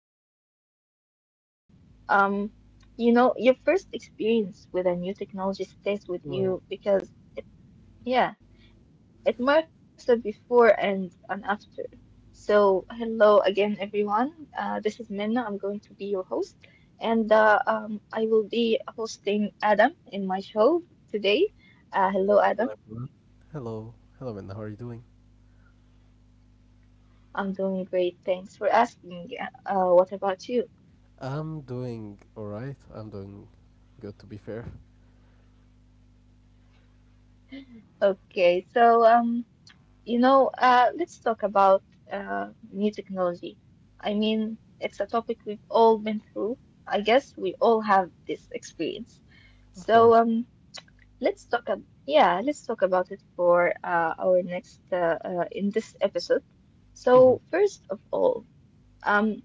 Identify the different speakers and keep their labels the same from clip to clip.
Speaker 1: been small at all. Um, you know, your first experience with a new technology stays with you
Speaker 2: Well,
Speaker 1: because yeah, it marks the before and an after. So, hello again, everyone. This is Minna. I'm going to be your host, and I will be hosting Adam in my show today. Hello,
Speaker 2: hello
Speaker 1: Adam.
Speaker 2: everyone. Hello, hello, Minna. How are you doing?
Speaker 1: I'm doing great. Thanks for asking. What about you?
Speaker 2: I'm doing all right. I'm doing good, to be fair.
Speaker 1: Okay, so you know, let's talk about new technology. I mean, it's a topic we've all been through. I guess we all have this experience.
Speaker 2: Of
Speaker 1: So
Speaker 2: course.
Speaker 1: let's talk. Let's talk about it for our next in this episode.
Speaker 2: hmm
Speaker 1: So first of all, um,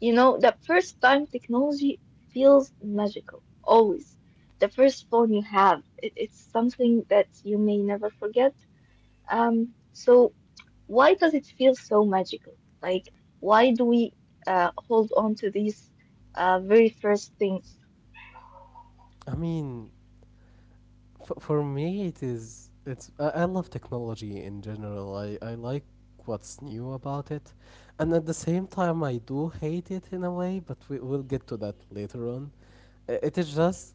Speaker 1: you know, the first time technology feels magical, always. The first phone you have, it's something that you may never forget. So why does it feel so magical? Like, why do we hold on to these very first things?
Speaker 2: I mean, for me, it is. It's. I love technology in general. I like what's new about it, and at the same time, I do hate it in a way. But we'll get to that later on. It is just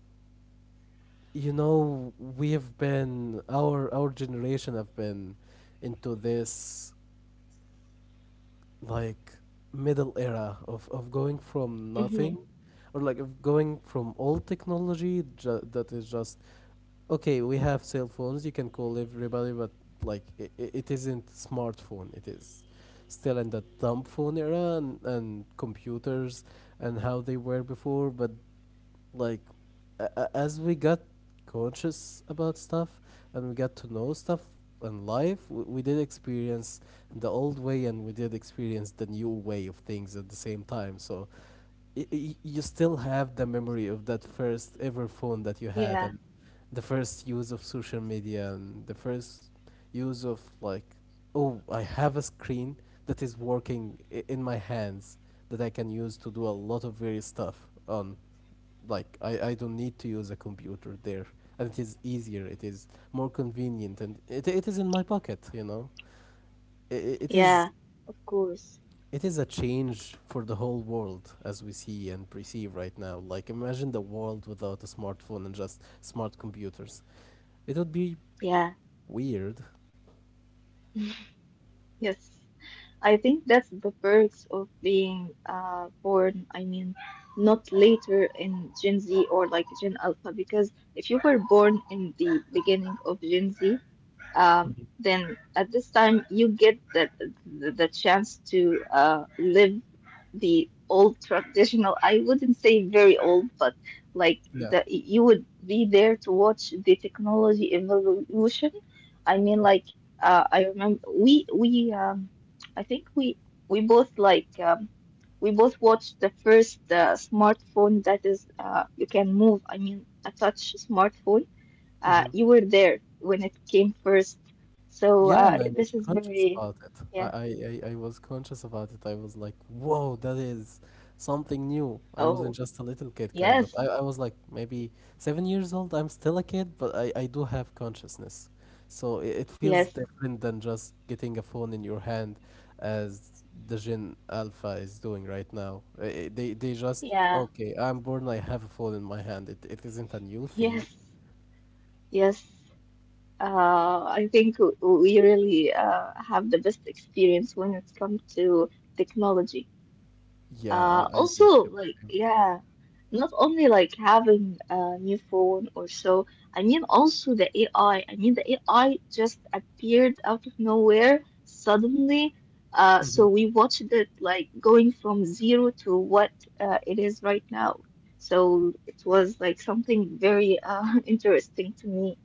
Speaker 2: you know we have been our generation have been into this, like, middle era of going from
Speaker 1: hmm
Speaker 2: nothing, or like of going from old technology that is just, okay, we have cell phones, you can call everybody, but like it isn't smartphone, it is still in the dumb phone era, and computers and how they were before, but like a- as we got conscious about stuff and we got to know stuff and life, we did experience the old way and we did experience the new way of things at the same time. So you still have the memory of that first ever phone that you had, and
Speaker 1: Yeah,
Speaker 2: the first use of social media, and the first use of, like, oh, I have a screen that is working in my hands that I can use to do a lot of various stuff on. Like, I don't need to use a computer there, and it is easier, it is more convenient, and it is in my pocket, you know, it is,
Speaker 1: yeah, of course.
Speaker 2: it is a change for the whole world as we see and perceive right now. Like, imagine the world without a smartphone and just smart computers, it would be
Speaker 1: Yeah,
Speaker 2: weird.
Speaker 1: yes. I think that's the perks of being born, I mean, not later in Gen Z or like Gen Alpha, because if you were born in the beginning of Gen Z,
Speaker 2: Mhm.
Speaker 1: then at this time you get the chance to live the old traditional. I wouldn't say very old, but like
Speaker 2: Yeah.
Speaker 1: the you would be there to watch the technology evolution. I mean, like I remember we I think we both like we both watched the first smartphone that is you can move, I mean a touch smartphone.
Speaker 2: hmm
Speaker 1: You were there when it came first. So
Speaker 2: Yeah, and I was
Speaker 1: this is
Speaker 2: conscious
Speaker 1: very,
Speaker 2: about it. I,
Speaker 1: yeah.
Speaker 2: I, I I was conscious about it. I was like, whoa, that is something new. I
Speaker 1: Oh,
Speaker 2: wasn't just a little kid, kind
Speaker 1: yes,
Speaker 2: of. I was like maybe 7 years old. I'm still a kid, but I do have consciousness. So it feels
Speaker 1: yes,
Speaker 2: different than just getting a phone in your hand as the Gen Alpha is doing right now. They just,
Speaker 1: yeah,
Speaker 2: okay, I'm born, I have a phone in my hand. It isn't a new thing.
Speaker 1: yes, yes. I think we really have the best experience when it comes to technology.
Speaker 2: Yeah, I do
Speaker 1: Also,
Speaker 2: feel
Speaker 1: like,
Speaker 2: the same.
Speaker 1: yeah, not only like having a new phone or so, I mean also the AI. I mean the AI just appeared out of nowhere suddenly. Uh,
Speaker 2: hmm
Speaker 1: so we watched it like going from zero to what it is right now. So it was like something very interesting to me.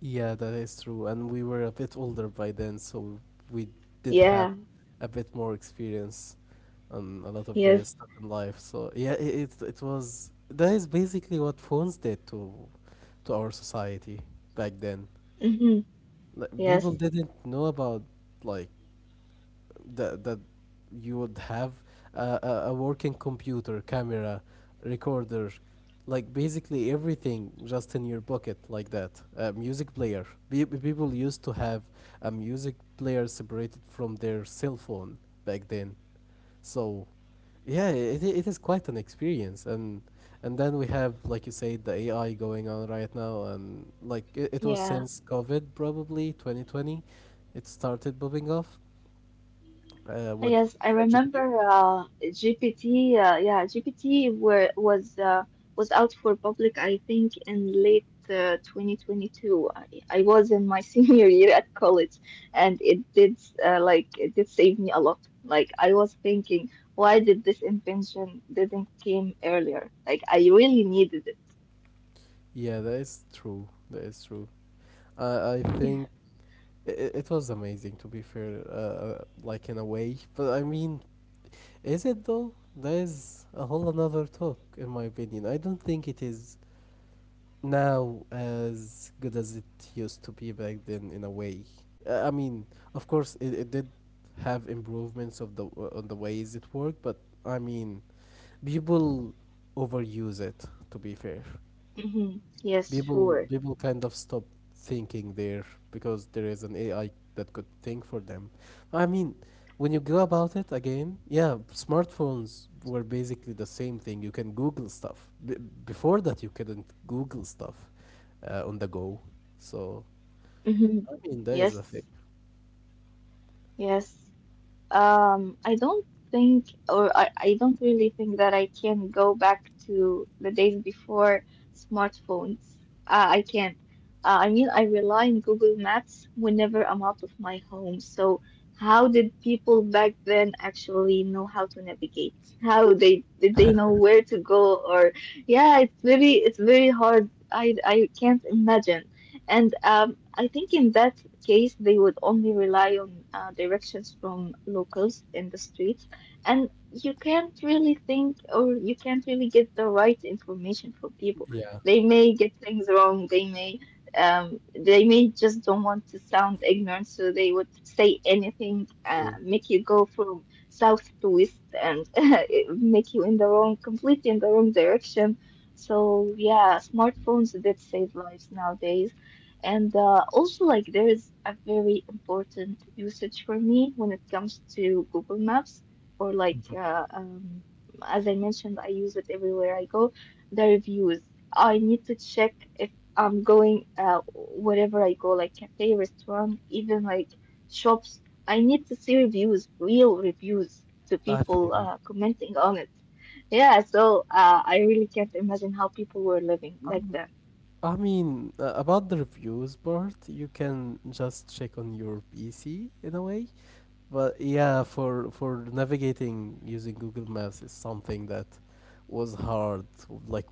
Speaker 2: Yeah, that is true. And we were a bit older by then, so we did have
Speaker 1: Yeah,
Speaker 2: a bit more experience on a lot of
Speaker 1: yes,
Speaker 2: various stuff in life. So yeah, it it was, that is basically what phones did to our society back then.
Speaker 1: hmm,
Speaker 2: Like, people
Speaker 1: yes,
Speaker 2: didn't know about, like, that that you would have a working computer, camera, recorder, like basically everything just in your pocket like that. A music player. People used to have a music player separated from their cell phone back then. So, yeah, it is quite an experience. And then we have, like you said, the AI going on right now, and like it was
Speaker 1: yeah.
Speaker 2: since COVID, probably 2020, it started popping off with
Speaker 1: Yes, I
Speaker 2: ChatGPT.
Speaker 1: remember GPT. Uh, GPT were, was uh, was out for public, I think, in late 2022. I was in my senior year at college, and it did like it did save me a lot. Like I was thinking, why did this invention didn't came earlier? Like I really needed it.
Speaker 2: Yeah, that is true. That is true. I
Speaker 1: Yeah.
Speaker 2: think it was amazing, to be fair, like in a way. But I mean, is it though? That is a whole another talk, in my opinion. I don't think it is now as good as it used to be back then, in a way. I mean, of course, it did have improvements of the on the ways it worked, but I mean, people overuse it. To be fair.
Speaker 1: Hmm. Yes,
Speaker 2: people
Speaker 1: sure.
Speaker 2: people kind of stop thinking there because there is an AI that could think for them. I mean, when you go about it again, yeah, smartphones were basically the same thing. You can Google stuff. Before that, you couldn't Google stuff on the go. So
Speaker 1: Hmm.
Speaker 2: I mean, that is a thing.
Speaker 1: Yes, yes. I don't think, or I don't really think that I can go back to the days before smartphones. I can't. I mean, I rely on Google Maps whenever I'm out of my home. So, how did people back then actually know how to navigate? How they did they know where to go? Or, yeah, it's very hard. I can't imagine. And I think in that case, they would only rely on directions from locals in the streets, and you can't really think, or you can't really get the right information from people.
Speaker 2: Yeah,
Speaker 1: They may get things wrong. They may just don't want to sound ignorant, so they would say anything,
Speaker 2: true.
Speaker 1: make you go from south to west, and make you in the wrong, completely in the wrong direction. So yeah, smartphones did save lives nowadays, and also, like, there is a very important usage for me when it comes to Google Maps, or like, as I mentioned, I use it everywhere I go. The reviews. I need to check if I'm going wherever I go, like cafe, restaurant, even like shops. I need to see reviews, real reviews, to
Speaker 2: I
Speaker 1: people
Speaker 2: feel
Speaker 1: commenting on it. Yeah, so I really can't imagine how people were living like
Speaker 2: you.
Speaker 1: that.
Speaker 2: I mean, about the reviews part, you can just check on your PC in a way. But yeah, for navigating using Google Maps is something that was hard, like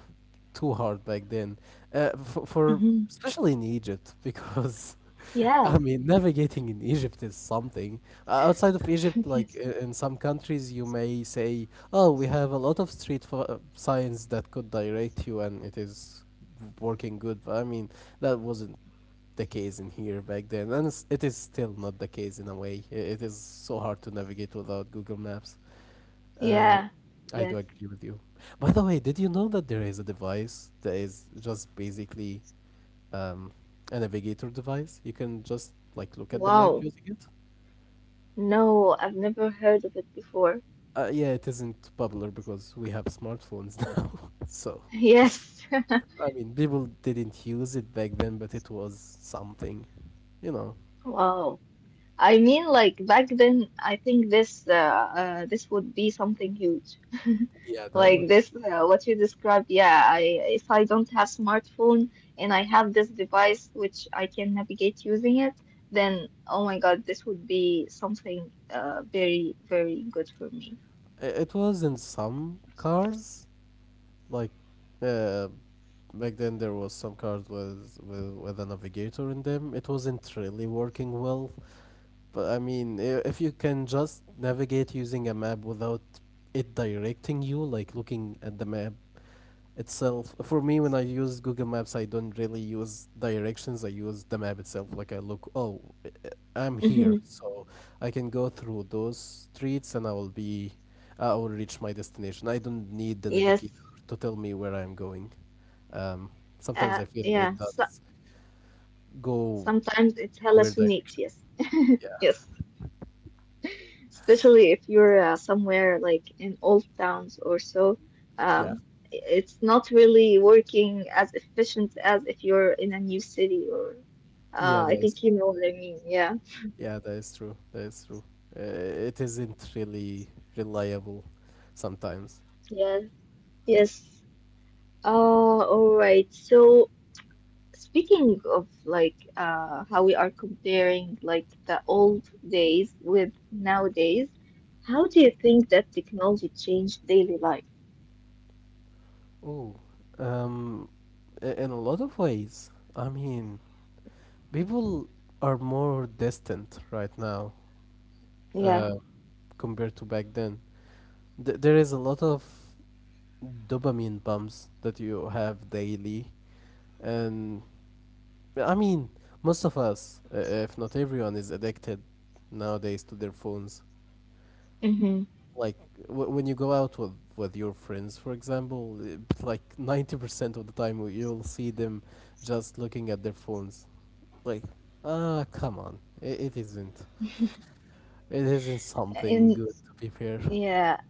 Speaker 2: too hard back then. For
Speaker 1: Mhm.
Speaker 2: especially in Egypt because
Speaker 1: Yeah.
Speaker 2: I mean, navigating in Egypt is something. Outside of Egypt, like in some countries, you may say, "Oh, we have a lot of street signs that could direct you, and it is working good." But I mean, that wasn't the case in here back then, and it's, it is still not the case in a way. It is so hard to navigate without Google Maps. Uh,
Speaker 1: Yeah,
Speaker 2: I do
Speaker 1: yes.
Speaker 2: agree with you. By the way, did you know that there is a device that is just basically um, a navigator device. You can just like look at the map
Speaker 1: Wow.
Speaker 2: using it.
Speaker 1: No, I've never heard of it before.
Speaker 2: Yeah, it isn't popular because we have smartphones now. So,
Speaker 1: Yes.
Speaker 2: I mean, people didn't use it back then, but it was something, you know.
Speaker 1: Wow. I mean, like back then, I think this this would be something huge.
Speaker 2: Yeah, that
Speaker 1: Like
Speaker 2: would.
Speaker 1: this, what you described. Yeah, I, if I don't have smartphone and I have this device which I can navigate using it, then oh my God, this would be something very very good for me.
Speaker 2: It was in some cars, like uh, back then there was some cards with a navigator in them. It wasn't really working well, but I mean, if you can just navigate using a map without it directing you, like looking at the map itself. For me, when I use Google Maps, I don't really use directions, I use the map itself. Like, I look, oh, I'm
Speaker 1: Hmm.
Speaker 2: here, so I can go through those streets and I will be I will reach my destination. I don't need the navigator
Speaker 1: Yes.
Speaker 2: to tell me where I'm going. um, Sometimes I feel
Speaker 1: Yeah.
Speaker 2: it
Speaker 1: So
Speaker 2: does go
Speaker 1: sometimes it
Speaker 2: in a weird
Speaker 1: hallucinates.
Speaker 2: direction.
Speaker 1: Yes.
Speaker 2: Yeah.
Speaker 1: Yes, especially if you're somewhere like in old towns or so,
Speaker 2: yeah
Speaker 1: um, it's not really working as efficient as if you're in a new city or
Speaker 2: yeah
Speaker 1: I
Speaker 2: that is
Speaker 1: think you know what I mean. Yeah.
Speaker 2: yeah, that is true, that is true. Uh, it isn't really reliable sometimes.
Speaker 1: Yeah. Yes. All right. So speaking of like how we are comparing like the old days with nowadays, how do you think that technology changed daily life?
Speaker 2: Oh, um, I- in a lot of ways. I mean, people are more distant right now
Speaker 1: Yeah.
Speaker 2: uh, compared to back then. There is a lot of dopamine bumps that you have daily, and I mean, most of us, if not everyone, is addicted nowadays to their phones.
Speaker 1: Mm-hmm.
Speaker 2: Like, when you go out with your friends for example, like 90% of the time you'll see them just looking at their phones. Like, ah, come on, it isn't, it isn't something
Speaker 1: And
Speaker 2: good, to be fair.
Speaker 1: yeah.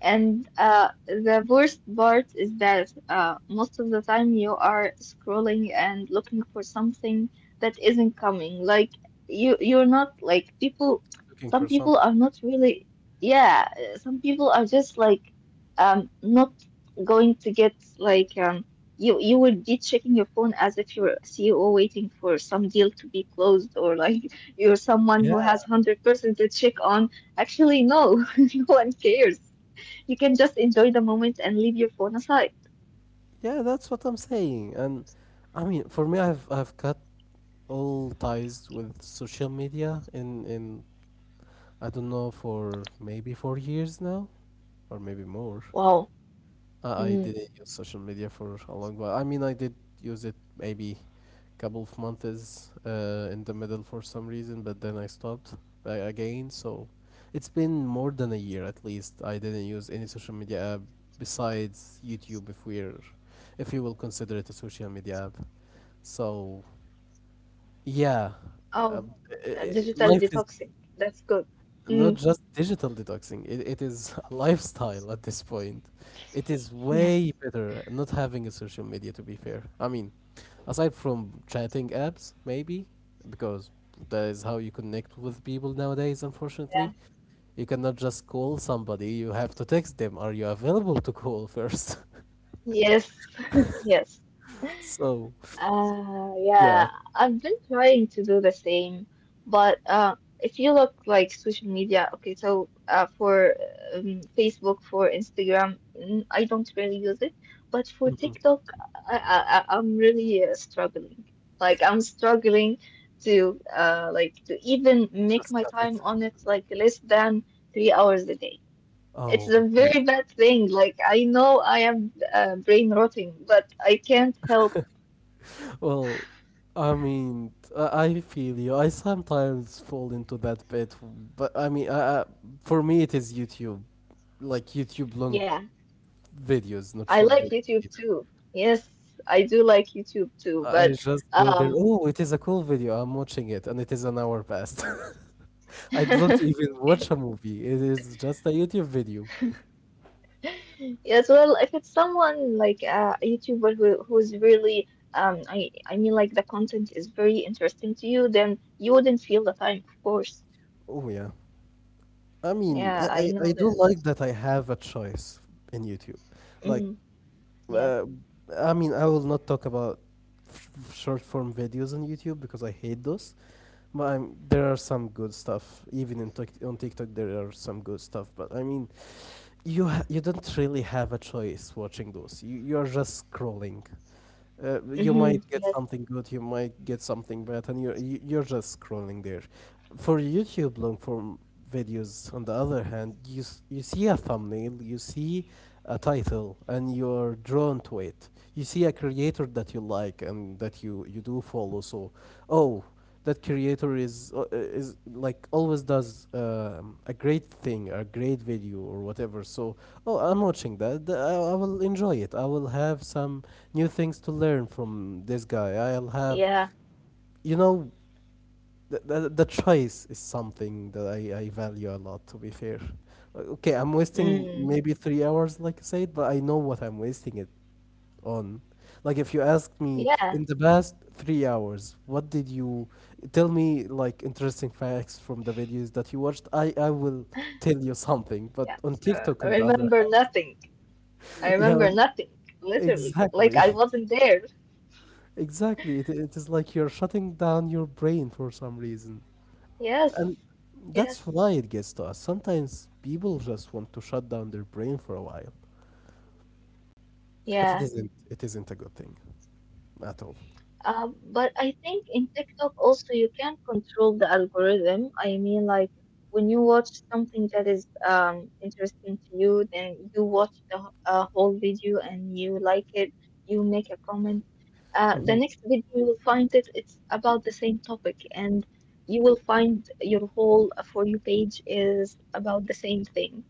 Speaker 1: And the worst part is that most of the time you are scrolling and looking for something that isn't coming. Like you're not like people.
Speaker 2: Looking
Speaker 1: Some
Speaker 2: for
Speaker 1: people
Speaker 2: something.
Speaker 1: are not really. Yeah, some people are just like not going to get like you would be checking your phone as if you're a CEO waiting for some deal to be closed, or like you're someone who has
Speaker 2: Yeah.
Speaker 1: 100% to check on. Actually, no, no one cares. You can just enjoy the moment and leave your phone aside.
Speaker 2: Yeah, that's what I'm saying. And I mean, for me, I've cut all ties with social media in, I don't know, for maybe 4 years now, or maybe more.
Speaker 1: Wow.
Speaker 2: I
Speaker 1: Mm.
Speaker 2: didn't use social media for a long while. I mean, I did use it maybe couple of months in the middle for some reason, but then I stopped again. So it's been more than a year at least. I didn't use any social media app besides YouTube, if if you will consider it a social media app. So yeah, uh, uh,
Speaker 1: Oh,
Speaker 2: uh,
Speaker 1: digital
Speaker 2: life is
Speaker 1: detoxing. That's good.
Speaker 2: not
Speaker 1: Mm.
Speaker 2: just digital detoxing, it is a lifestyle at this point. It is
Speaker 1: Yes.
Speaker 2: way better not having a social media, to be fair. I mean, aside from chatting apps, maybe, because that is how you connect with people nowadays,
Speaker 1: Yeah.
Speaker 2: unfortunately. You cannot just call somebody, you have to text them, are you available to call first.
Speaker 1: Yes, yes.
Speaker 2: So yeah.
Speaker 1: Yeah, I've been trying to do the same, but if you look like social media, okay, so for Facebook, for Instagram, mm, I don't really use it, but for
Speaker 2: Mhm.
Speaker 1: TikTok, I'm really struggling. Like I'm struggling to like to even make
Speaker 2: Just
Speaker 1: my
Speaker 2: cut
Speaker 1: time
Speaker 2: it.
Speaker 1: on it like less than 3 hours a day. It's
Speaker 2: Oh,
Speaker 1: a
Speaker 2: that.
Speaker 1: very bad thing. Like I know I am brain rotting, but I can't help.
Speaker 2: Well, I mean, I feel you. I sometimes fall into that bit, but I mean, for me, it is YouTube, like YouTube long
Speaker 1: Yeah.
Speaker 2: videos, not
Speaker 1: I
Speaker 2: short
Speaker 1: like
Speaker 2: videos
Speaker 1: YouTube
Speaker 2: even.
Speaker 1: too. Yes, I do like YouTube too,
Speaker 2: I
Speaker 1: but
Speaker 2: just go there.
Speaker 1: um
Speaker 2: Oh, it is a cool video, I'm watching it, and it is an hour past. I don't
Speaker 1: yes,
Speaker 2: even watch a movie. It is just a YouTube video.
Speaker 1: well, if it's someone like a YouTuber who's really I mean like the content is very interesting to you, then you wouldn't feel the time, of course.
Speaker 2: Oh yeah. I mean,
Speaker 1: Yeah,
Speaker 2: I,
Speaker 1: I
Speaker 2: I,
Speaker 1: know
Speaker 2: I do
Speaker 1: them.
Speaker 2: like that I have a choice in YouTube. Like,
Speaker 1: Mm, yes.
Speaker 2: uh, I mean, I will not talk about short form videos on YouTube because I hate those. But I'm, there are some good stuff. Even in on TikTok, there are some good stuff. But I mean, you don't really have a choice watching those. You are just scrolling, you
Speaker 1: Mm-hmm.
Speaker 2: might get
Speaker 1: Yes.
Speaker 2: something good, you might get something bad, and you're just scrolling there. For YouTube long form videos, on the other hand, you see a thumbnail, you see a title, and you're drawn to it. You see a creator that you like and that you do follow. So, oh, that creator is like always does a great thing, a great video or whatever. So, oh, I'm watching that. I will enjoy it. I will have some new things to learn from this guy. I'll have,
Speaker 1: Yeah.
Speaker 2: you know, the choice is something that I value a lot, to be fair. Okay, I'm wasting
Speaker 1: Mm.
Speaker 2: maybe 3 hours, like I said, but I know what I'm wasting it on. Like, if you asked me
Speaker 1: Yeah.
Speaker 2: in the past 3 hours, what did you tell me, like, interesting facts from the videos that you watched? I will tell you something, but
Speaker 1: Yeah.
Speaker 2: on TikTok,
Speaker 1: I
Speaker 2: on the other
Speaker 1: remember
Speaker 2: hand,
Speaker 1: nothing. I
Speaker 2: yeah,
Speaker 1: remember nothing, literally. Like I
Speaker 2: exactly.
Speaker 1: wasn't there.
Speaker 2: Exactly. It is like you're shutting down your brain for some reason. And
Speaker 1: Yes.
Speaker 2: that's
Speaker 1: Yes.
Speaker 2: why it gets to us. Sometimes people just want to shut down their brain for a while. But it
Speaker 1: Yeah,
Speaker 2: isn't it isn't a good thing at all.
Speaker 1: but I think in TikTok also you can not control the algorithm. I mean, like when you watch something that is interesting to you, then you watch the whole video and you like it, you make a comment. The
Speaker 2: Mhm.
Speaker 1: next video you'll find it, it's about the same topic, and you will find your whole For You page is about the same thing.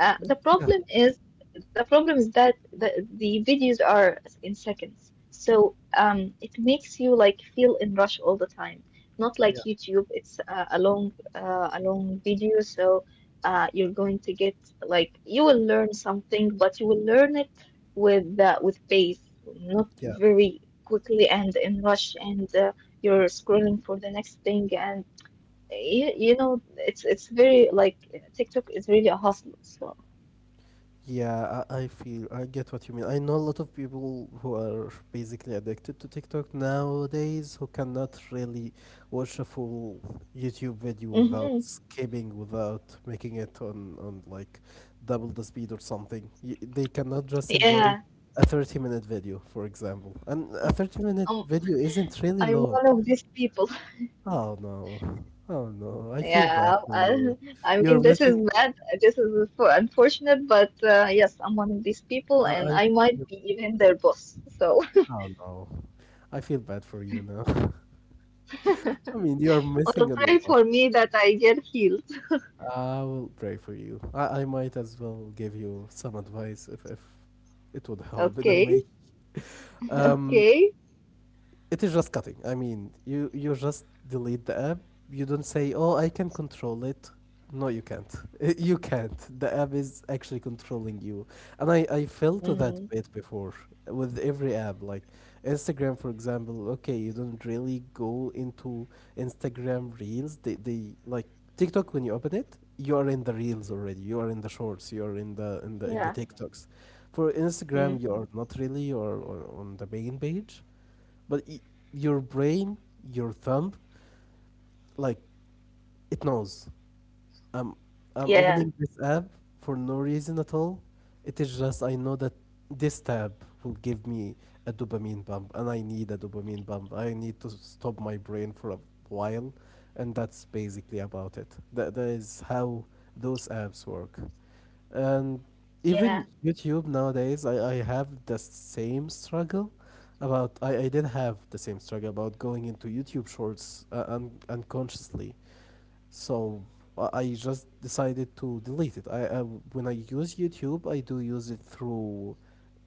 Speaker 1: Uh, the
Speaker 2: Yeah.
Speaker 1: problem is the problem is that the videos are in seconds. So it makes you like feel in rush all the time. Not like
Speaker 2: Yeah.
Speaker 1: YouTube, it's uh, a long video, so you're going to get like you will learn something, but you will learn it with pace, not
Speaker 2: Yeah.
Speaker 1: very quickly and in rush, and you're scrolling for the next thing, and you know it's very like TikTok is really a hustle. So
Speaker 2: Yeah, I feel I get what you mean. I know a lot of people who are basically addicted to TikTok nowadays who cannot really watch a full YouTube video without
Speaker 1: hmm
Speaker 2: skipping, without making it on like double the speed or something. They cannot just enjoy
Speaker 1: yeah,
Speaker 2: a 30-minute video, for example. And a 30-minute
Speaker 1: um,
Speaker 2: video isn't really
Speaker 1: I'm
Speaker 2: long.
Speaker 1: one of these people.
Speaker 2: Oh no. Oh no. I feel bad
Speaker 1: Yeah,
Speaker 2: for you.
Speaker 1: I mean,
Speaker 2: You're
Speaker 1: this is
Speaker 2: missing
Speaker 1: bad. This is for unfortunate, but yes, I'm one of these people, and
Speaker 2: I
Speaker 1: I might
Speaker 2: feel
Speaker 1: be even their boss. So,
Speaker 2: Oh no, I feel bad for you now. I mean, you are
Speaker 1: or
Speaker 2: missing out a
Speaker 1: pray
Speaker 2: lot.
Speaker 1: for me that I get healed.
Speaker 2: I will pray for you. I might as well give you some advice if it would help in a way.
Speaker 1: Okay,
Speaker 2: Um,
Speaker 1: okay.
Speaker 2: it is just cutting. I mean, you just delete the app. You don't say, "Oh, I can control it." No, you can't. You can't. The app is actually controlling you, and I fell to that
Speaker 1: Mm,
Speaker 2: bit before with every app, like Instagram, for example. Okay, you don't really go into Instagram Reels. They like TikTok when you open it, you are in the Reels already. You are in the Shorts. You are in the in the
Speaker 1: yeah,
Speaker 2: TikToks. For
Speaker 1: mm,
Speaker 2: Instagram, you are not really. You are on the main page but y your brain, your thumb, like it knows. I'm I'm
Speaker 1: yeah,
Speaker 2: opening this app for no reason at all. It is just I know that this tab will give me a dopamine bump, and I need a dopamine bump. I need to stop my brain for a while, and that's basically about it. That is how those apps work. And
Speaker 1: yeah.
Speaker 2: even YouTube nowadays, I have the same struggle about I did have the same struggle about going into YouTube Shorts unconsciously so I just decided to delete it. I when I use YouTube, I do use it through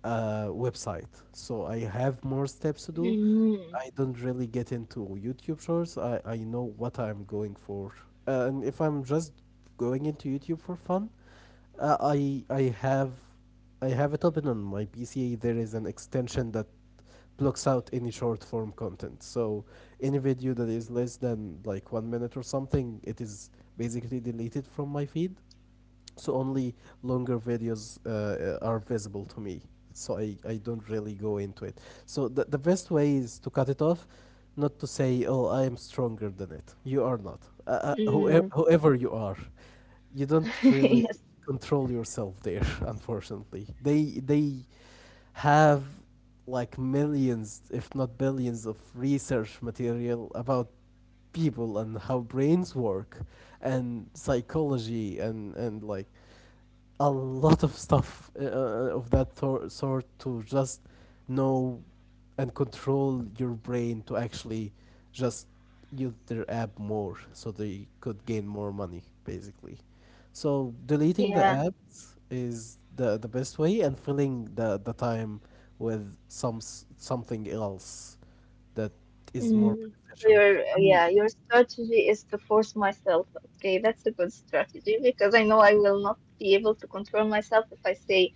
Speaker 2: a website, so I have more steps to do.
Speaker 1: Mm,
Speaker 2: I don't really get into YouTube Shorts. I know what I'm going for, and if I'm just going into YouTube for fun, uh, I I have I have it open on my PC. There is an extension that blocks out any short form content. So any video that is less than like 1 minute or something, it is basically deleted from my feed. So only longer videos are visible to me. So I don't really go into it. So the best way is to cut it off, not to say, oh, I am stronger than it. You are not. Whoever,
Speaker 1: mm.
Speaker 2: whoever you are, you don't really
Speaker 1: Yes,
Speaker 2: control yourself there, unfortunately. They have like millions, if not billions, of research material about people and how brains work and psychology and like a lot of stuff of that sort to just know and control your brain to actually just use their app more so they could gain more money basically so deleting the
Speaker 1: yeah.
Speaker 2: apps is the best way and filling the time with something else that is more
Speaker 1: Mm, so
Speaker 2: beneficial.
Speaker 1: your,
Speaker 2: Um.
Speaker 1: yeah, your strategy is to force myself. Okay, that's a good strategy because I know I will not be able to control myself if I say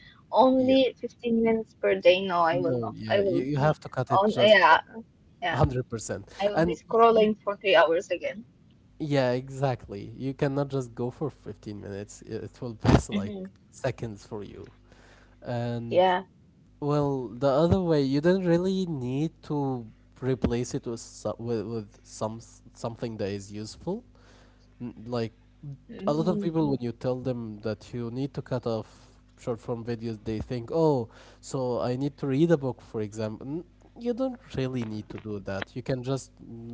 Speaker 2: Yeah.
Speaker 1: only 15 minutes per day. No, I will
Speaker 2: no
Speaker 1: not.
Speaker 2: Yeah,
Speaker 1: I
Speaker 2: you,
Speaker 1: will
Speaker 2: you
Speaker 1: be
Speaker 2: have to cut it
Speaker 1: on,
Speaker 2: just like
Speaker 1: yeah, yeah.
Speaker 2: 100%.
Speaker 1: I will be
Speaker 2: And y- y-
Speaker 1: scrolling for 3 hours again.
Speaker 2: yeah, exactly, you cannot just go for 15 minutes, it will pass like
Speaker 1: Hmm.
Speaker 2: seconds for you. And
Speaker 1: Yeah.
Speaker 2: well, the other way, you don't really need to replace it with something that is useful. Like a lot of
Speaker 1: Hmm.
Speaker 2: people, when you tell them that you need to cut off short form videos, they think, oh, so I need to read a book, for example. You don't really need to do that. You can just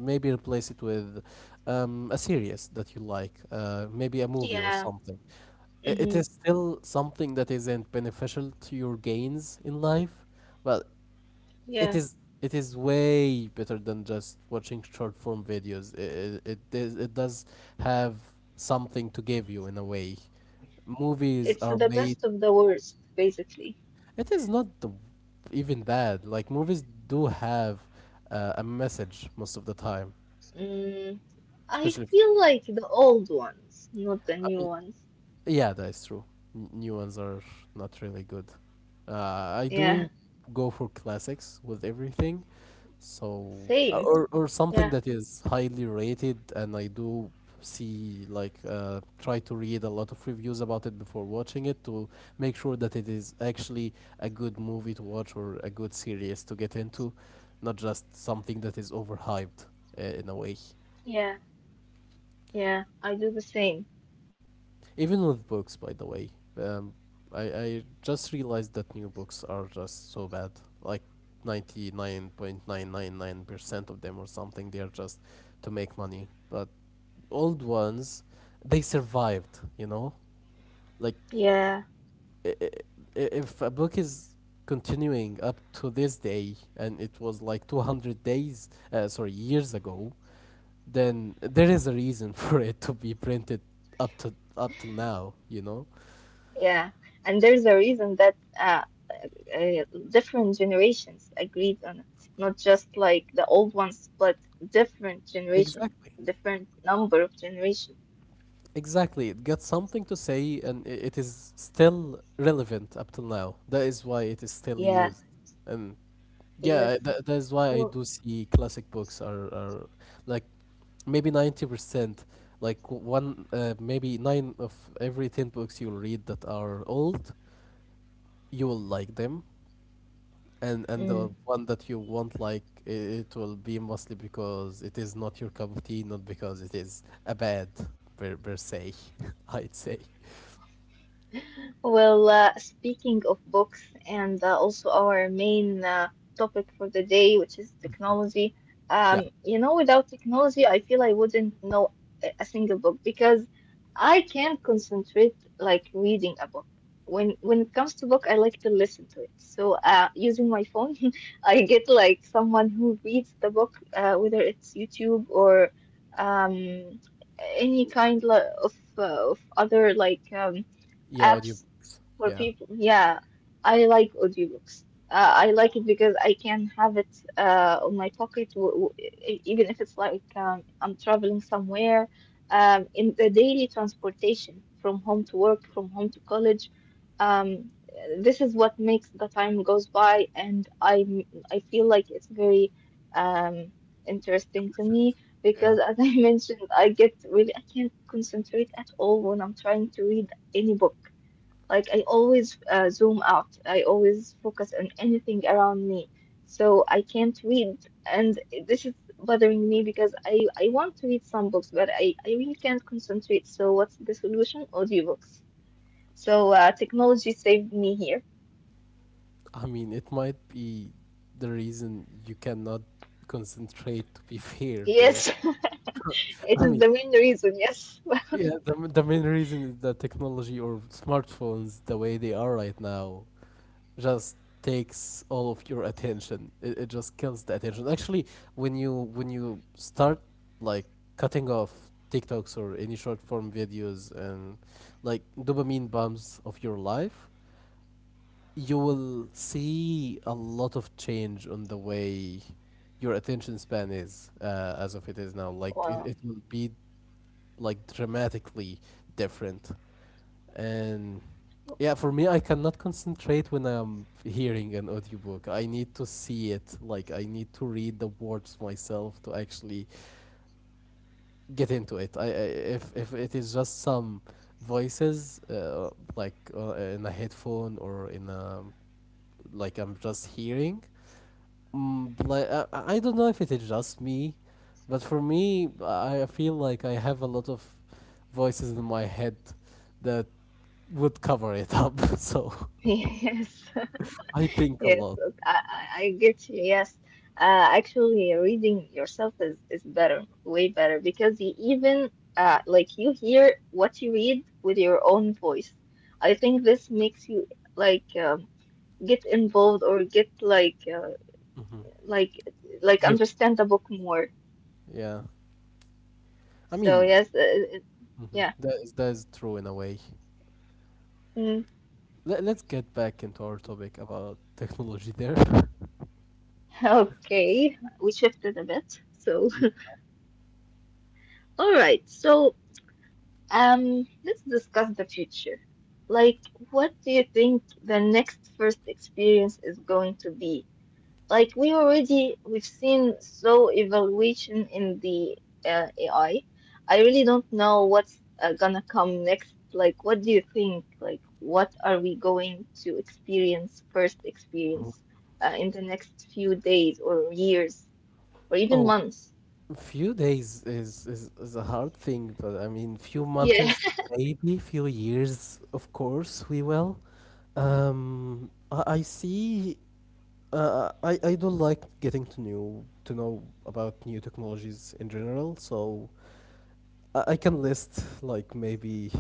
Speaker 2: maybe replace it with a series that you like, maybe a movie or
Speaker 1: Yeah.
Speaker 2: something. It
Speaker 1: Hmm.
Speaker 2: is still something that isn't beneficial to your gains in life, but it
Speaker 1: Yeah.
Speaker 2: is it is way better than just watching short form videos. It does have something to give you in a way. Movies
Speaker 1: It's
Speaker 2: are
Speaker 1: the
Speaker 2: made.
Speaker 1: best of the worst, basically.
Speaker 2: It is not the, even that. Like movies do have a message most of the time,
Speaker 1: Mm, I
Speaker 2: especially.
Speaker 1: feel like the old ones, not the
Speaker 2: I
Speaker 1: new
Speaker 2: mean,
Speaker 1: ones.
Speaker 2: Yeah, that's true. New ones are not really good. I
Speaker 1: Yeah.
Speaker 2: do go for classics with everything, so
Speaker 1: Same.
Speaker 2: or something
Speaker 1: Yeah.
Speaker 2: that is highly rated, and I do see like try to read a lot of reviews about it before watching it to make sure that it is actually a good movie to watch or a good series to get into, not just something that is overhyped in a way.
Speaker 1: Yeah, yeah, I do the same.
Speaker 2: Even with books, by the way, um, I just realized that new books are just so bad. Like 99 point 9 9 9 percent... wait of them or something, they are just to make money. But old ones, they survived. You know, like
Speaker 1: Yeah,
Speaker 2: i- i- if a book is continuing up to this day and it was like 200 days, sorry, years ago, then there is a reason for it to be printed up to up till now. You know.
Speaker 1: yeah. And there's a reason that different generations agreed on it. Not just like the old ones, but different generation,
Speaker 2: Exactly.
Speaker 1: different number of generation.
Speaker 2: Exactly, it got something to say and it is still relevant up till now. That is why it is still
Speaker 1: Yeah,
Speaker 2: used. And
Speaker 1: yes.
Speaker 2: yeah, that is why I
Speaker 1: Well,
Speaker 2: do see classic books are like maybe 90%, like one, maybe nine of every 10 books you'll read that are old, you will like them. And
Speaker 1: mm.
Speaker 2: the one that you won't like, I it will be mostly because it is not your cup of tea, not because it is a bad per se, I'd say.
Speaker 1: Well, speaking of books and also our main topic for the day, which is technology,
Speaker 2: Yeah.
Speaker 1: you know, without technology, I feel I wouldn't know a single book because I can't concentrate like reading a book. When it comes to book, I like to listen to it. So, using my phone, I get like someone who reads the book, whether it's YouTube or um, any kind of other like
Speaker 2: Yeah,
Speaker 1: apps
Speaker 2: audiobooks.
Speaker 1: for
Speaker 2: Yeah.
Speaker 1: people, yeah, I like audiobooks. I like it because I can have it on my pocket, even if it's like I'm traveling somewhere, in the daily transportation from home to work, from home to college. Um, this is what makes the time goes by, and I I feel like it's very um, interesting to me because,
Speaker 2: Yeah.
Speaker 1: as I mentioned, I get really I can't concentrate at all when I'm trying to read any book. Like I always zoom out. I always focus on anything around me. So I can't read, and this is bothering me because I want to read some books, but I really can't concentrate. So what's the solution? Audiobooks. So technology saved me here.
Speaker 2: I mean, it might be the reason you cannot concentrate to be fair there.
Speaker 1: Yes, it
Speaker 2: I
Speaker 1: is
Speaker 2: mean,
Speaker 1: the main reason. Yes.
Speaker 2: yeah, the main reason is that technology or smartphones, the way they are right now, just takes all of your attention. It just kills the attention. Actually, when you start like cutting off TikToks or any short form videos and like dopamine bombs of your life, you will see a lot of change on the way your attention span is as of it is now. Like
Speaker 1: Wow.
Speaker 2: it will be like dramatically different. And yeah, for me, I cannot concentrate when I'm hearing an audiobook. I need to see it. Like I need to read the words myself to actually get into it. I if it is just some voices in a headphone or in a like I'm just hearing Mm, like I don't know if it is just me, but for me, I feel like I have a lot of voices in my head that would cover it up. So
Speaker 1: Yes.
Speaker 2: I think a
Speaker 1: Yes,
Speaker 2: lot.
Speaker 1: I get you. Yes, actually, reading yourself is better, way better, because you even like you hear what you read with your own voice. I think this makes you like get involved or get like
Speaker 2: Hmm.
Speaker 1: like like
Speaker 2: You're,
Speaker 1: understand the book more.
Speaker 2: yeah, I
Speaker 1: So
Speaker 2: mean,
Speaker 1: yes, it-
Speaker 2: mhm,
Speaker 1: yeah.
Speaker 2: that is true in a way.
Speaker 1: Mm.
Speaker 2: Let's get back into our topic about technology there.
Speaker 1: Okay, we shifted a bit. So
Speaker 2: Yeah.
Speaker 1: all right, so. Let's discuss the future. Like, what do you think the next first experience is going to be? Like, we've seen so evaluation in the AI. I really don't know what's gonna come next. Like, what do you think? Like, what are we going to experience in the next few days or years or even
Speaker 2: Oh,
Speaker 1: months?
Speaker 2: few days is, is a hard thing, but I mean, few months, maybe few years, of course, we will. I see. I don't like getting to new to know about new technologies in general. So I can list like maybe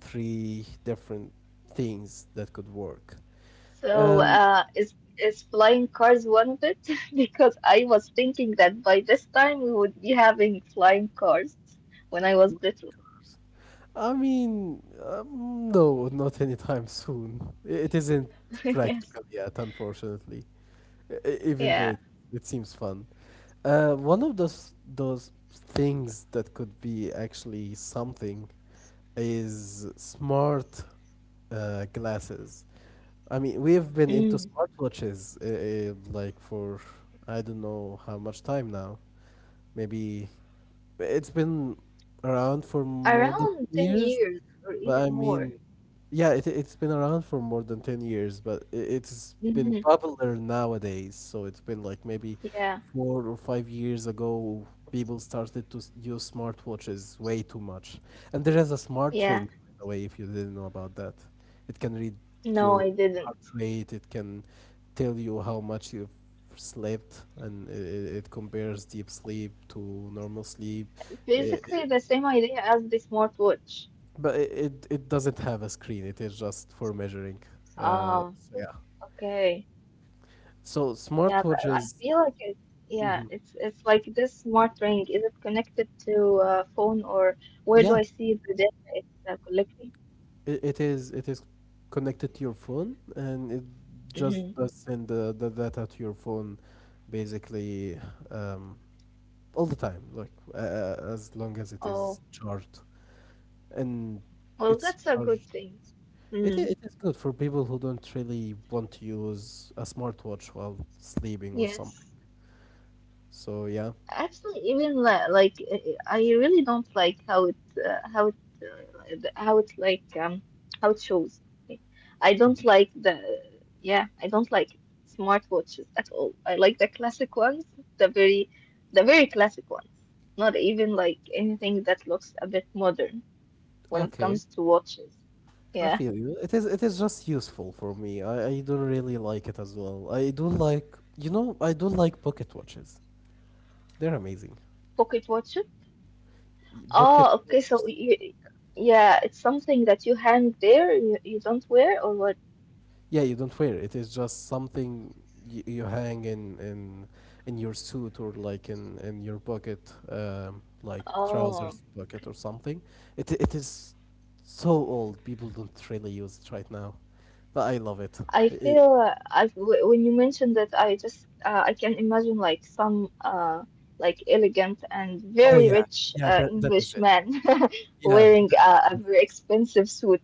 Speaker 2: three different things that could work.
Speaker 1: So,
Speaker 2: Um,
Speaker 1: is flying cars one of it? Because I was thinking that by this time we would be having flying cars when I was little.
Speaker 2: I mean, no, not anytime soon. It isn't
Speaker 1: Yes.
Speaker 2: practical yet, unfortunately. Even though
Speaker 1: Yeah.
Speaker 2: it seems fun. One of those things that could be actually something is smart glasses. I mean, we've been into
Speaker 1: Mm.
Speaker 2: smartwatches like for I don't know how much time now. Maybe it's been around for more than
Speaker 1: Around
Speaker 2: 10
Speaker 1: 10
Speaker 2: years.
Speaker 1: years or
Speaker 2: But
Speaker 1: even
Speaker 2: I
Speaker 1: more.
Speaker 2: mean, yeah, it, it's been around for more than 10 years, but it's been
Speaker 1: Mhm.
Speaker 2: popular nowadays. So it's been like maybe
Speaker 1: Yeah.
Speaker 2: 4 or 5 years ago, people started to use smartwatches way too much. And there is a smart ring,
Speaker 1: Yeah.
Speaker 2: by the way, if you didn't know about that. It can read
Speaker 1: No,
Speaker 2: your
Speaker 1: I
Speaker 2: heart
Speaker 1: didn't.
Speaker 2: rate, it can tell you how much you've slept, and it compares deep sleep to normal sleep. I-
Speaker 1: Basically
Speaker 2: i-
Speaker 1: the same idea as the smartwatch.
Speaker 2: but it doesn't have a screen. It is just for measuring.
Speaker 1: Ah,
Speaker 2: So yeah.
Speaker 1: okay.
Speaker 2: So
Speaker 1: Yeah, but I
Speaker 2: smartwatches,
Speaker 1: feel like it's yeah,
Speaker 2: mhm.
Speaker 1: it's like this smart ring. Is it connected to a phone or where do
Speaker 2: Yeah,
Speaker 1: I see the data it's collecting?
Speaker 2: it is connected to your phone, and it just
Speaker 1: Mm-hmm.
Speaker 2: does send the data to your phone, basically, um, all the time, like as long as it is
Speaker 1: Oh,
Speaker 2: charged, and
Speaker 1: well,
Speaker 2: it's
Speaker 1: that's a good
Speaker 2: charged.
Speaker 1: thing.
Speaker 2: It, i-
Speaker 1: Mm,
Speaker 2: it is good for people who don't really want to use a smartwatch while sleeping or something.
Speaker 1: yes.
Speaker 2: So yeah.
Speaker 1: Actually, even like I really don't like how it the- how it like how it shows. Like, I don't like the yeah, I don't like smartwatches at all. I like the classic ones, the very the very classic ones. Not even like anything that looks a bit modern when it
Speaker 2: Okay,
Speaker 1: comes to watches.
Speaker 2: I
Speaker 1: Yeah,
Speaker 2: feel you. It is just useful for me. I don't really like it as well. I do like I do like pocket watches. They're amazing.
Speaker 1: pocket watches.
Speaker 2: Pocket
Speaker 1: Oh, okay, so
Speaker 2: watches.
Speaker 1: you, yeah, it's something that you hang there, you don't wear or what?
Speaker 2: Yeah, you don't wear it. It is just something you hang in your suit or like in your pocket, like trousers
Speaker 1: Oh.
Speaker 2: pocket
Speaker 1: Okay.
Speaker 2: or something. It is so old. People don't really use it right now, but I love it.
Speaker 1: I
Speaker 2: It-
Speaker 1: feel when you mentioned that I just I can imagine like some like elegant and
Speaker 2: oh
Speaker 1: very
Speaker 2: yeah,
Speaker 1: rich
Speaker 2: yeah. That
Speaker 1: English
Speaker 2: is it.
Speaker 1: man
Speaker 2: Yeah,
Speaker 1: wearing a very expensive suit.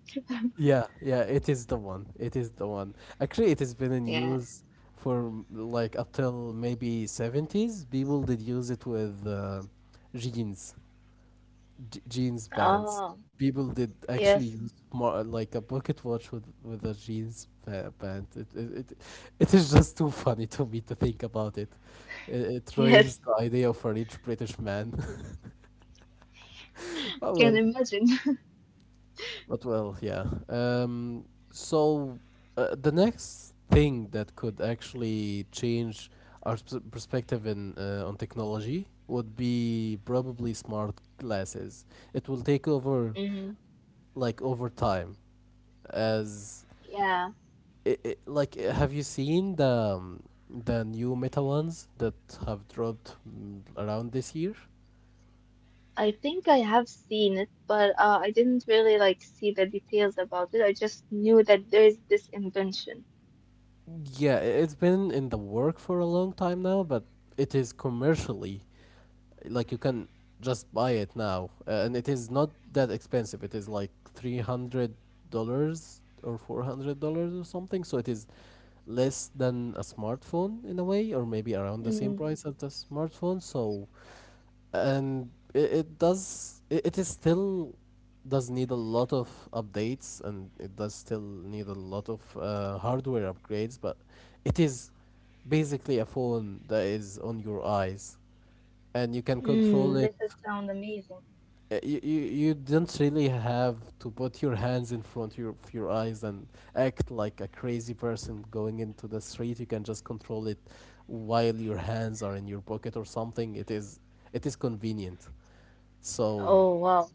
Speaker 2: yeah, it is the one. It is the one. Actually, it has been in
Speaker 1: Yeah.
Speaker 2: use for like up till maybe 70s. People did use it with jeans, jeans pants.
Speaker 1: Oh,
Speaker 2: People did actually
Speaker 1: yes.
Speaker 2: use more like a pocket watch with a jeans pant. It is just too funny to me to think about it. It, it
Speaker 1: Yes.
Speaker 2: ruins the idea of a rich British man. But
Speaker 1: Can
Speaker 2: well,
Speaker 1: imagine.
Speaker 2: But well, yeah. So the next thing that could actually change our perspective in on technology would be probably smart glasses. It will take over
Speaker 1: Mm,
Speaker 2: like over time as
Speaker 1: yeah,
Speaker 2: I like have you seen the new Meta ones that have dropped around this year?
Speaker 1: I think I have seen it, but I didn't really like see the details about it. I just knew that there is this invention.
Speaker 2: Yeah, it's been in the work for a long time now, but it is commercially like you can just buy it now and it is not that expensive, it is like $300 or $400 or something, so it is less than a smartphone in a way, or maybe around the same
Speaker 1: Mm,
Speaker 2: price as the smartphone. So and it does it, it is still does need a lot of updates, and it does still need a lot of hardware upgrades, but it is basically a phone that is on your eyes and you can
Speaker 1: mm,
Speaker 2: control
Speaker 1: this
Speaker 2: it.
Speaker 1: would sound amazing.
Speaker 2: You don't really have to put your hands in front of of your eyes and act like a crazy person going into the street. You can just control it while your hands are in your pocket or something. It is convenient. So
Speaker 1: Oh, wow.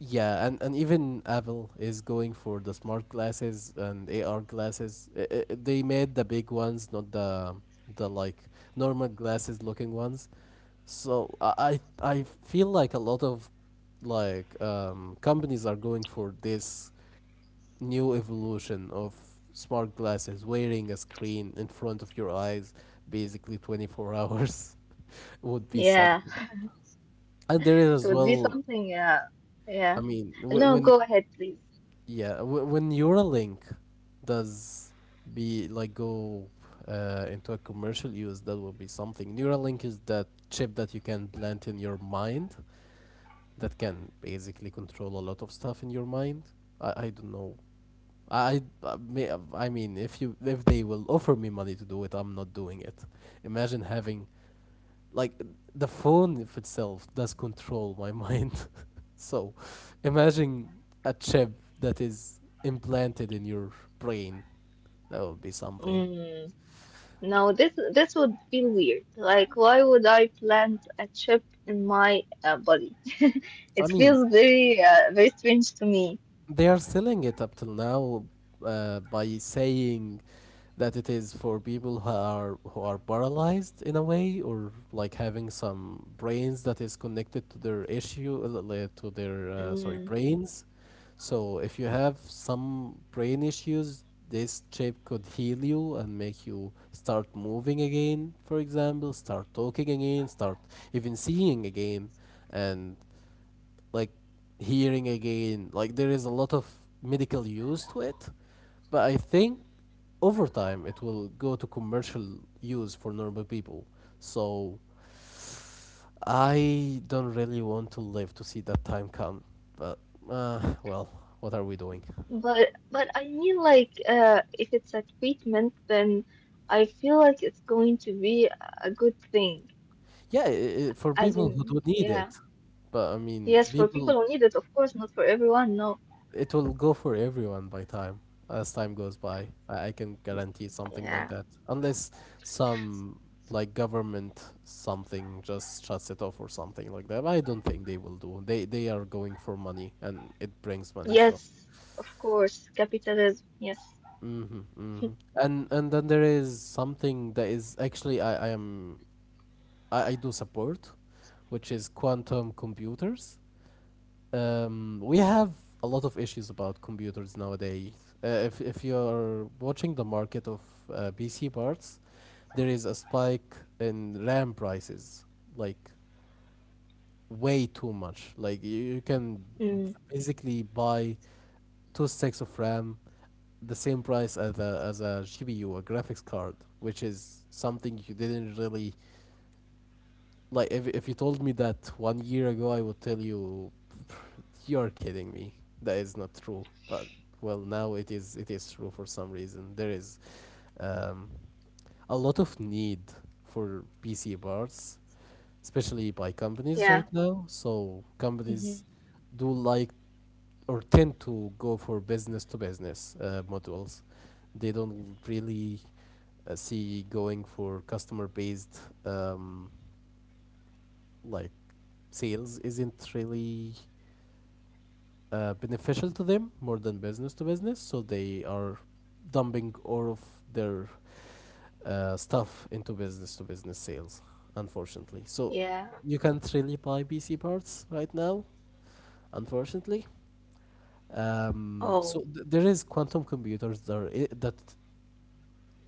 Speaker 2: yeah, and even Apple is going for the smart glasses and AR glasses. They made the big ones, not the normal glasses looking ones. So I feel like a lot of like companies are going for this new evolution of smart glasses. Wearing a screen in front of your eyes basically 24 hours would be
Speaker 1: Yeah.
Speaker 2: something. And there is
Speaker 1: It
Speaker 2: as
Speaker 1: would be
Speaker 2: well,
Speaker 1: something, yeah,
Speaker 2: I
Speaker 1: yeah.
Speaker 2: mean,
Speaker 1: No, go ahead, please.
Speaker 2: when Neuralink does be like go into a commercial use, that will be something. Neuralink is that chip that you can plant in your mind that can basically control a lot of stuff in your mind. I don't know. I mean, if you if they will offer me money to do it, I'm not doing it. Imagine having like the phone if itself does control my mind. So, imagine a chip that is implanted in your brain. That would be something.
Speaker 1: Mm, no, this would feel weird. Like, why would I plant a chip in my body?
Speaker 2: I
Speaker 1: It
Speaker 2: mean,
Speaker 1: feels very very strange to me.
Speaker 2: they are selling it up till now by saying that it is for people who are paralyzed in a way, or like having some brains that is connected to their issue to their sorry,
Speaker 1: Mm,
Speaker 2: brains. So if you have some brain issues, this chip could heal you and make you start moving again, for example, start talking again, start even seeing again, and like hearing again. Like, there is a lot of medical use to it, but I think over time it will go to commercial use for normal people. So I don't really want to live to see that time come. But well, what are we doing?
Speaker 1: but I mean, like, if it's a treatment, then I feel like it's going to be a good thing.
Speaker 2: Yeah, I for
Speaker 1: As
Speaker 2: people who
Speaker 1: in,
Speaker 2: do need
Speaker 1: yeah,
Speaker 2: it. But I mean,
Speaker 1: yes, for people
Speaker 2: people,
Speaker 1: who need it, of course, not for everyone. No,
Speaker 2: it will go for everyone by time. As time goes by, I can guarantee something like
Speaker 1: yeah.
Speaker 2: that. Unless some like government something just shuts it off or something like that. I don't think they will do. They are going for money, and it brings money. So.
Speaker 1: Yes, of course, capitalism. Yes.
Speaker 2: Mm-hmm, mm-hmm. And then there is something that is actually I am I do support, which is quantum computers. We have a lot of issues about computers nowadays. If you're watching the market of PC parts, there is a spike in RAM prices, like way too much. Like you can
Speaker 1: Mm.
Speaker 2: basically buy two sticks of RAM the same price as a GPU, a graphics card, which is something you didn't really like. If you told me that 1 year ago, I would tell you, you're kidding me. That is not true. But well, now it is true for some reason. There is um, a lot of need for PC parts, especially by companies right
Speaker 1: Yeah.
Speaker 2: now. So companies
Speaker 1: Hmm.
Speaker 2: do like or tend to go for business to business modules. They don't really see going for customer based um, like sales isn't really beneficial to them more than business to business, so they are dumping all of their stuff into business to business sales, unfortunately. So
Speaker 1: Yeah.
Speaker 2: you can't really buy PC parts right now, unfortunately.
Speaker 1: Oh,
Speaker 2: There is quantum computers that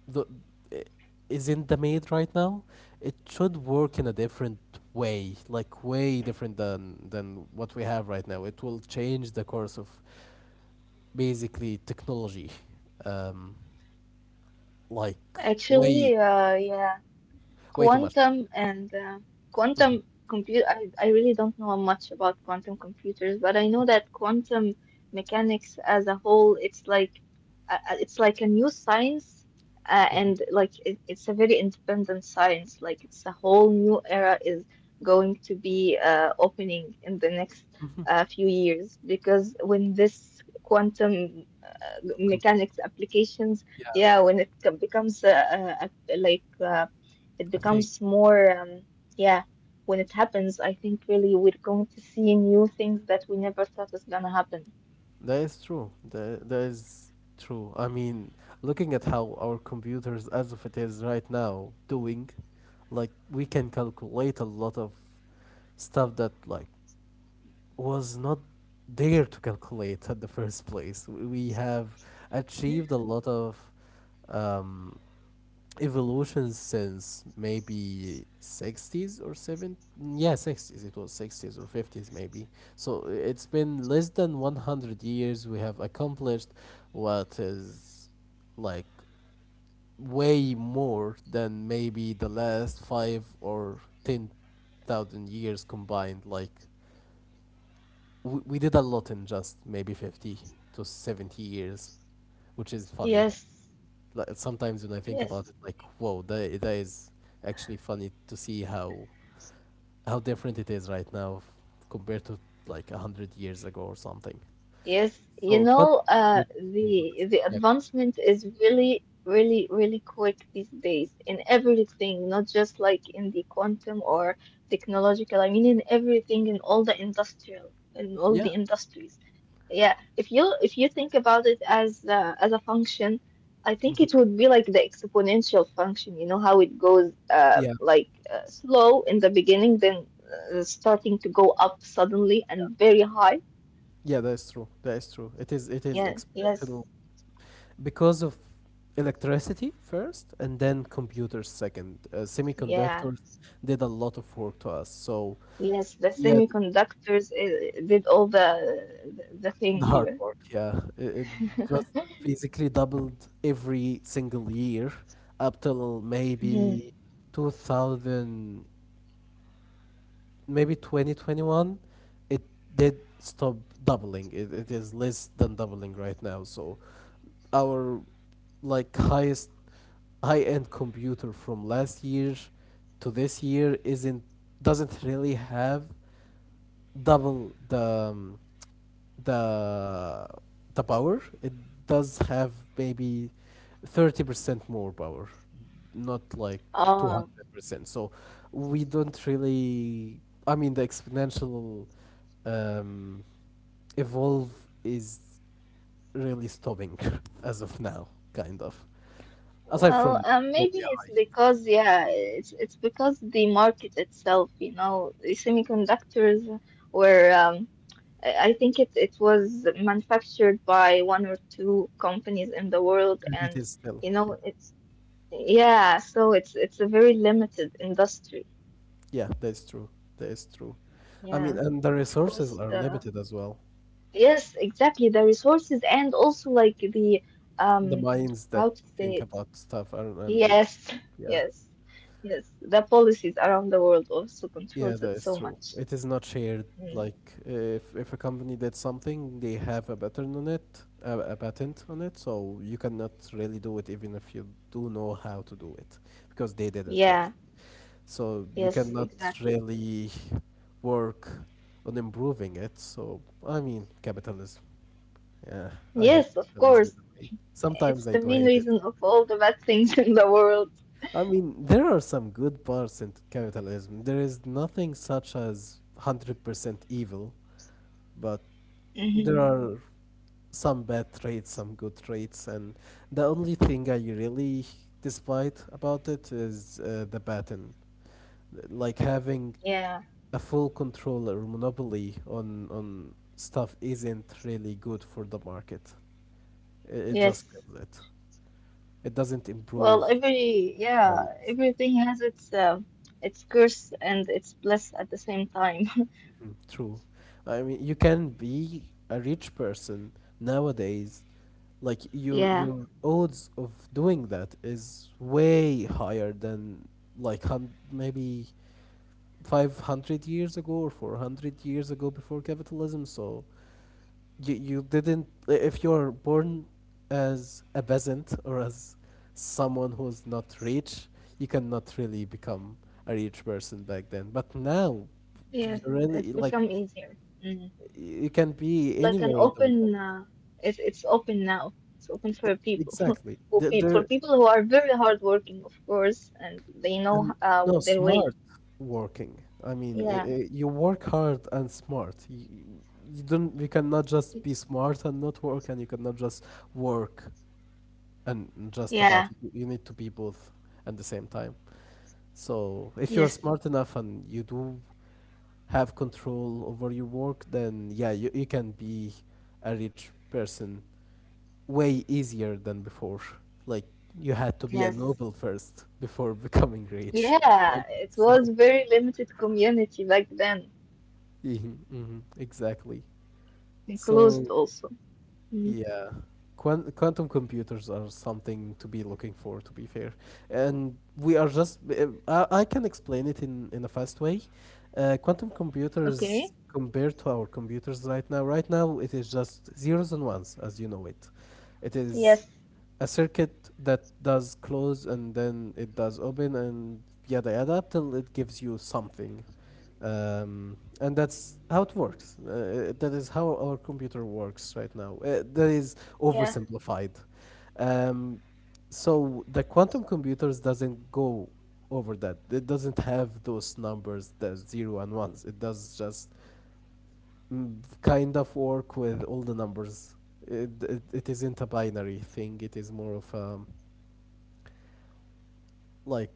Speaker 2: the i- is in the made right now. It should work in a different way, like way different than what we have right now. It will change the course of basically technology, um, like way
Speaker 1: actually, yeah.
Speaker 2: too much.
Speaker 1: quantum and uh, quantum computer I really don't know much about quantum computers but I know that quantum mechanics as a whole it's like a new science and like it's a very independent science like it's a whole new era is going to be opening in the next
Speaker 2: Hmm
Speaker 1: few years because when this quantum
Speaker 2: Computer.
Speaker 1: mechanics applications
Speaker 2: Yeah,
Speaker 1: yeah becomes it
Speaker 2: I
Speaker 1: becomes
Speaker 2: think
Speaker 1: more yeah when it happens I think really we're going to see new things that we never thought is gonna happen.
Speaker 2: that is true. That is true. I mean, looking at how our computers, as of it is right now, doing, like we can calculate a lot of stuff that like was not there to calculate at the first place. We have achieved a lot of um, evolution since maybe 60s or 70s. Yeah, 60s. It was 60s or 50s maybe. So it's been less than 100 years. We have accomplished what is like way more than maybe the last five or 10,000 years combined. Like we did a lot in just maybe 50 to 70 years, which is funny.
Speaker 1: Yes.
Speaker 2: Like, sometimes when I think
Speaker 1: Yes.
Speaker 2: about it, like, whoa, that is actually funny to see how different it is right now compared to like 100 years ago or something.
Speaker 1: Yes, you
Speaker 2: So
Speaker 1: know
Speaker 2: quantum computers will do the same.
Speaker 1: the
Speaker 2: Yeah. Go.
Speaker 1: advancement is really really really quick these days in everything not just like in the quantum or technological I mean in everything in all the industrial in all
Speaker 2: Yeah.
Speaker 1: the industries. Yeah, if you think about it as a function, I think it
Speaker 2: Mhm.
Speaker 1: would be like the exponential function. You know how it goes
Speaker 2: Yeah.
Speaker 1: like slow in the beginning, then starting to go up suddenly and very high.
Speaker 2: Yeah, that is true. That is true. It is
Speaker 1: Yeah.
Speaker 2: exceptional
Speaker 1: Yes.
Speaker 2: because of electricity first and then computers second.
Speaker 1: Yeah.
Speaker 2: Semiconductors did a lot of work to us. So
Speaker 1: Yes. The
Speaker 2: yeah,
Speaker 1: semiconductors did all the thing
Speaker 2: the hard
Speaker 1: here.
Speaker 2: work. Yeah, it just basically doubled every single year up till
Speaker 1: Hmm.
Speaker 2: maybe 2000, maybe 2021. It did stop doubling. It is less than doubling right now. So our like highest high-end computer from last year to this year isn't doesn't really have double the um, the the power. It does have maybe 30% more power, not like 200%. So we don't really, I mean, the exponential um, evolve is really stopping as of now, kind of, aside
Speaker 1: Well,
Speaker 2: from
Speaker 1: maybe
Speaker 2: yeah
Speaker 1: it's because yeah, it's because the market itself, you know, the semiconductors were I think it was manufactured by one or two companies in the world,
Speaker 2: and it
Speaker 1: and
Speaker 2: is still
Speaker 1: you know,
Speaker 2: yeah
Speaker 1: it's yeah, so it's a very limited industry.
Speaker 2: yeah, that's true, that is true. I mean,
Speaker 1: Yeah,
Speaker 2: and the
Speaker 1: of
Speaker 2: resources
Speaker 1: course.
Speaker 2: are limited as well,
Speaker 1: Yes, exactly. The resources and also like the
Speaker 2: the
Speaker 1: um,
Speaker 2: minds that
Speaker 1: how to say
Speaker 2: think
Speaker 1: it.
Speaker 2: about stuff are and
Speaker 1: Yes,
Speaker 2: yeah,
Speaker 1: yes, yes. The policies around the world also
Speaker 2: yeah,
Speaker 1: controls
Speaker 2: that
Speaker 1: it
Speaker 2: is
Speaker 1: so
Speaker 2: true.
Speaker 1: much.
Speaker 2: It is not shared.
Speaker 1: Mm,
Speaker 2: Like if a company did something, they have a pattern on it, a patent on it, so you cannot really do it even if you do know how to do it, because they did it
Speaker 1: yeah,
Speaker 2: first. So you
Speaker 1: yes,
Speaker 2: cannot
Speaker 1: exactly.
Speaker 2: really work on improving it. So I mean, capitalism. Yeah, I hate
Speaker 1: Yes, of
Speaker 2: capitalism
Speaker 1: course.
Speaker 2: in a way.
Speaker 1: It's
Speaker 2: Sometimes I
Speaker 1: the
Speaker 2: do
Speaker 1: main
Speaker 2: hate it.
Speaker 1: reason of all the bad things in the world.
Speaker 2: I mean, there are some good parts in capitalism. There is nothing such as 100% evil, but there
Speaker 1: Hmm.
Speaker 2: are some bad traits, some good traits, and the only thing I really despite about it is the patent. Like having
Speaker 1: Yeah,
Speaker 2: a full control or monopoly on stuff isn't really good for the market. It just
Speaker 1: yes.
Speaker 2: kills it. It doesn't improve
Speaker 1: Well,
Speaker 2: our
Speaker 1: yeah,
Speaker 2: lives.
Speaker 1: everything has its curse and its bliss at the same time.
Speaker 2: Mm. True. I mean, you can be a rich person nowadays. Like
Speaker 1: Yeah,
Speaker 2: your odds of doing that is way higher than like hun maybe 500 years ago or 400 years ago before capitalism. So you didn't I- if you're born as a peasant or as someone who's not rich, you cannot really become a rich person back then. But now you
Speaker 1: yes, it's
Speaker 2: really like
Speaker 1: become easier. Mm-hmm.
Speaker 2: you can be
Speaker 1: Like an
Speaker 2: anywhere in the world.
Speaker 1: it's open now it's open for
Speaker 2: E-
Speaker 1: people
Speaker 2: Exactly.
Speaker 1: for
Speaker 2: There
Speaker 1: people who are very hardworking of course and they know
Speaker 2: and no,
Speaker 1: their
Speaker 2: smart
Speaker 1: way.
Speaker 2: working. I mean,
Speaker 1: Yeah.
Speaker 2: you work hard and smart. You don't. You cannot just be smart and not work, and you cannot just work and just about
Speaker 1: Yeah.
Speaker 2: it. You need to be both at the same time. So if you're
Speaker 1: Yes.
Speaker 2: smart enough and you do have control over your work, then yeah, you can be a rich person way easier than before. Like you had to be a
Speaker 1: Yes.
Speaker 2: noble first before becoming rich back
Speaker 1: Yeah,
Speaker 2: then.
Speaker 1: it was
Speaker 2: So,
Speaker 1: very limited community back then,
Speaker 2: mhm, mhm, exactly.
Speaker 1: and closed
Speaker 2: So
Speaker 1: also. Mm.
Speaker 2: yeah. Quantum computers are something to be looking for, to be fair. And we are just, I can explain it in a fast way. Quantum computers,
Speaker 1: Okay.
Speaker 2: compared to our computers right now, right now it is just zeros and ones as you know it. It is
Speaker 1: Yes.
Speaker 2: a circuit that does close and then it does open and yada yada till it gives you something, and that's how it works. That is how our computer works right now. That is
Speaker 1: Yeah.
Speaker 2: oversimplified. Um, so the quantum computers doesn't go over that. It doesn't have those numbers, the zero and ones. It does just mm, kind of work with all the numbers. It isn't a binary thing. It is more of like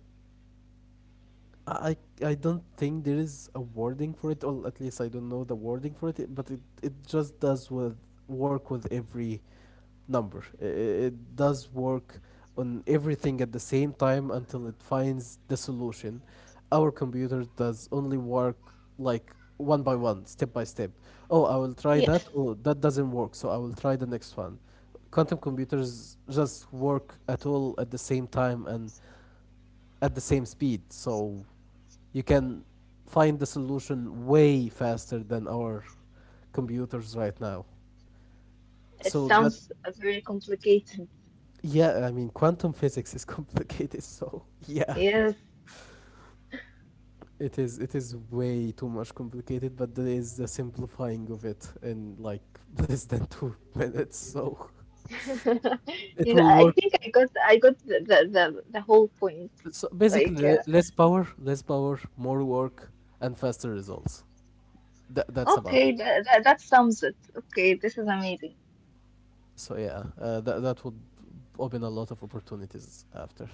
Speaker 2: I don't think there is a wording for it, or at least I don't know the wording for it. But it just does with work with every number. It does work on everything at the same time until it finds the solution. Our computer does only work like one by one, step by step. Oh, I will try that.
Speaker 1: Yes,
Speaker 2: Oh, that doesn't work, so I will try the next one. Quantum computers just work at all at the same time and at the same speed. So you can find the solution way faster than our computers right now.
Speaker 1: it
Speaker 2: So that
Speaker 1: sounds very complicated.
Speaker 2: yeah, I mean quantum physics is complicated, so yeah.
Speaker 1: Yes.
Speaker 2: It is way too much complicated, but there is the simplifying of it in like less than 2 minutes, so it
Speaker 1: Yes.
Speaker 2: will
Speaker 1: I
Speaker 2: work.
Speaker 1: think I got the, the whole point
Speaker 2: So
Speaker 1: like
Speaker 2: basically less power, more work, and faster results. That's about it.
Speaker 1: okay, that, that sums it. Okay, this is amazing.
Speaker 2: So yeah, that would open a lot of opportunities after.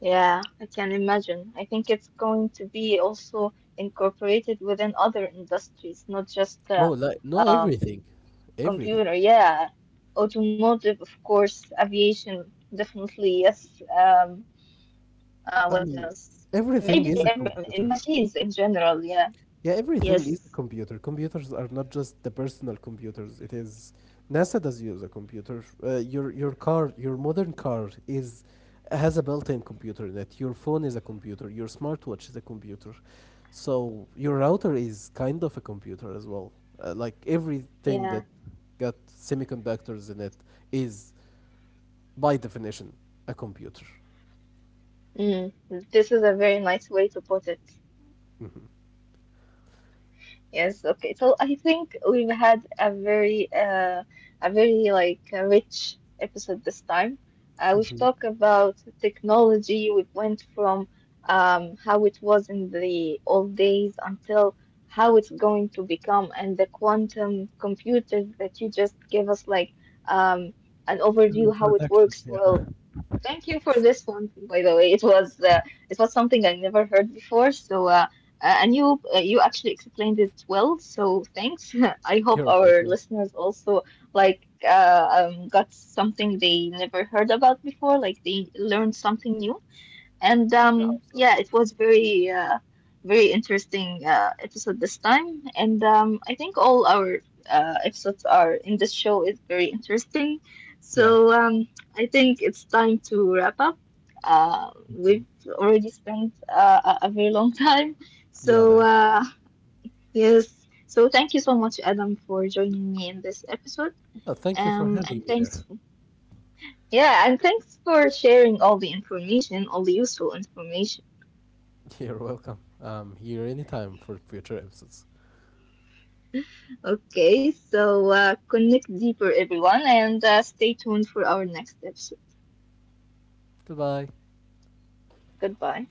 Speaker 1: Yeah, I can imagine. I think it's going to be also incorporated within other industries, not just
Speaker 2: Oh, like no,
Speaker 1: um,
Speaker 2: everything, everything.
Speaker 1: computer. Yeah, automotive, of course, aviation, definitely. Yes. What
Speaker 2: I mean,
Speaker 1: else? Maybe
Speaker 2: everything is
Speaker 1: every
Speaker 2: a
Speaker 1: in
Speaker 2: computer.
Speaker 1: machines in general. Yeah.
Speaker 2: Yeah, everything is a
Speaker 1: Yes.
Speaker 2: computer. Computers are not just the personal computers. It is NASA does use a computer. Your car, your modern car is has a built-in computer in it. Your phone is a computer. Your smartwatch is a computer. So your router is kind of a computer as well. Like everything
Speaker 1: Yeah.
Speaker 2: that got semiconductors in it is by definition a computer.
Speaker 1: Mm. This is a very nice way to put it.
Speaker 2: Mhm.
Speaker 1: Yes, okay. So I think we've had a very like a rich episode this time. We've
Speaker 2: hmm
Speaker 1: talked about technology. We went from how it was in the old days until how it's going to become and the quantum computers that you just gave us like um an
Speaker 2: an
Speaker 1: overview how it
Speaker 2: introduction.
Speaker 1: works.
Speaker 2: Yeah.
Speaker 1: Well, thank you for this one, by the way. It was something I never heard before, so and you actually explained it well, so thanks. I hope
Speaker 2: You're
Speaker 1: our
Speaker 2: welcome.
Speaker 1: listeners also like got something they never heard about before, like they learned something new. And
Speaker 2: Yeah, Hafsa.
Speaker 1: yeah, it was very very interesting episode this time. And I think all our episodes are in this show is very interesting.
Speaker 2: Yeah,
Speaker 1: So I think it's time to wrap up. We've already spent a very long time.
Speaker 2: yeah.
Speaker 1: So
Speaker 2: That's.
Speaker 1: yes, so thank you so much, Adam, for joining me in this episode.
Speaker 2: Thank you for having
Speaker 1: And
Speaker 2: me
Speaker 1: thanks,
Speaker 2: there.
Speaker 1: yeah, and thanks for sharing all the information, all the useful information.
Speaker 2: You're welcome. I'm here anytime for future episodes.
Speaker 1: Okay, so connect deeper, everyone, and stay tuned for our next episode.
Speaker 2: Goodbye.
Speaker 1: Goodbye.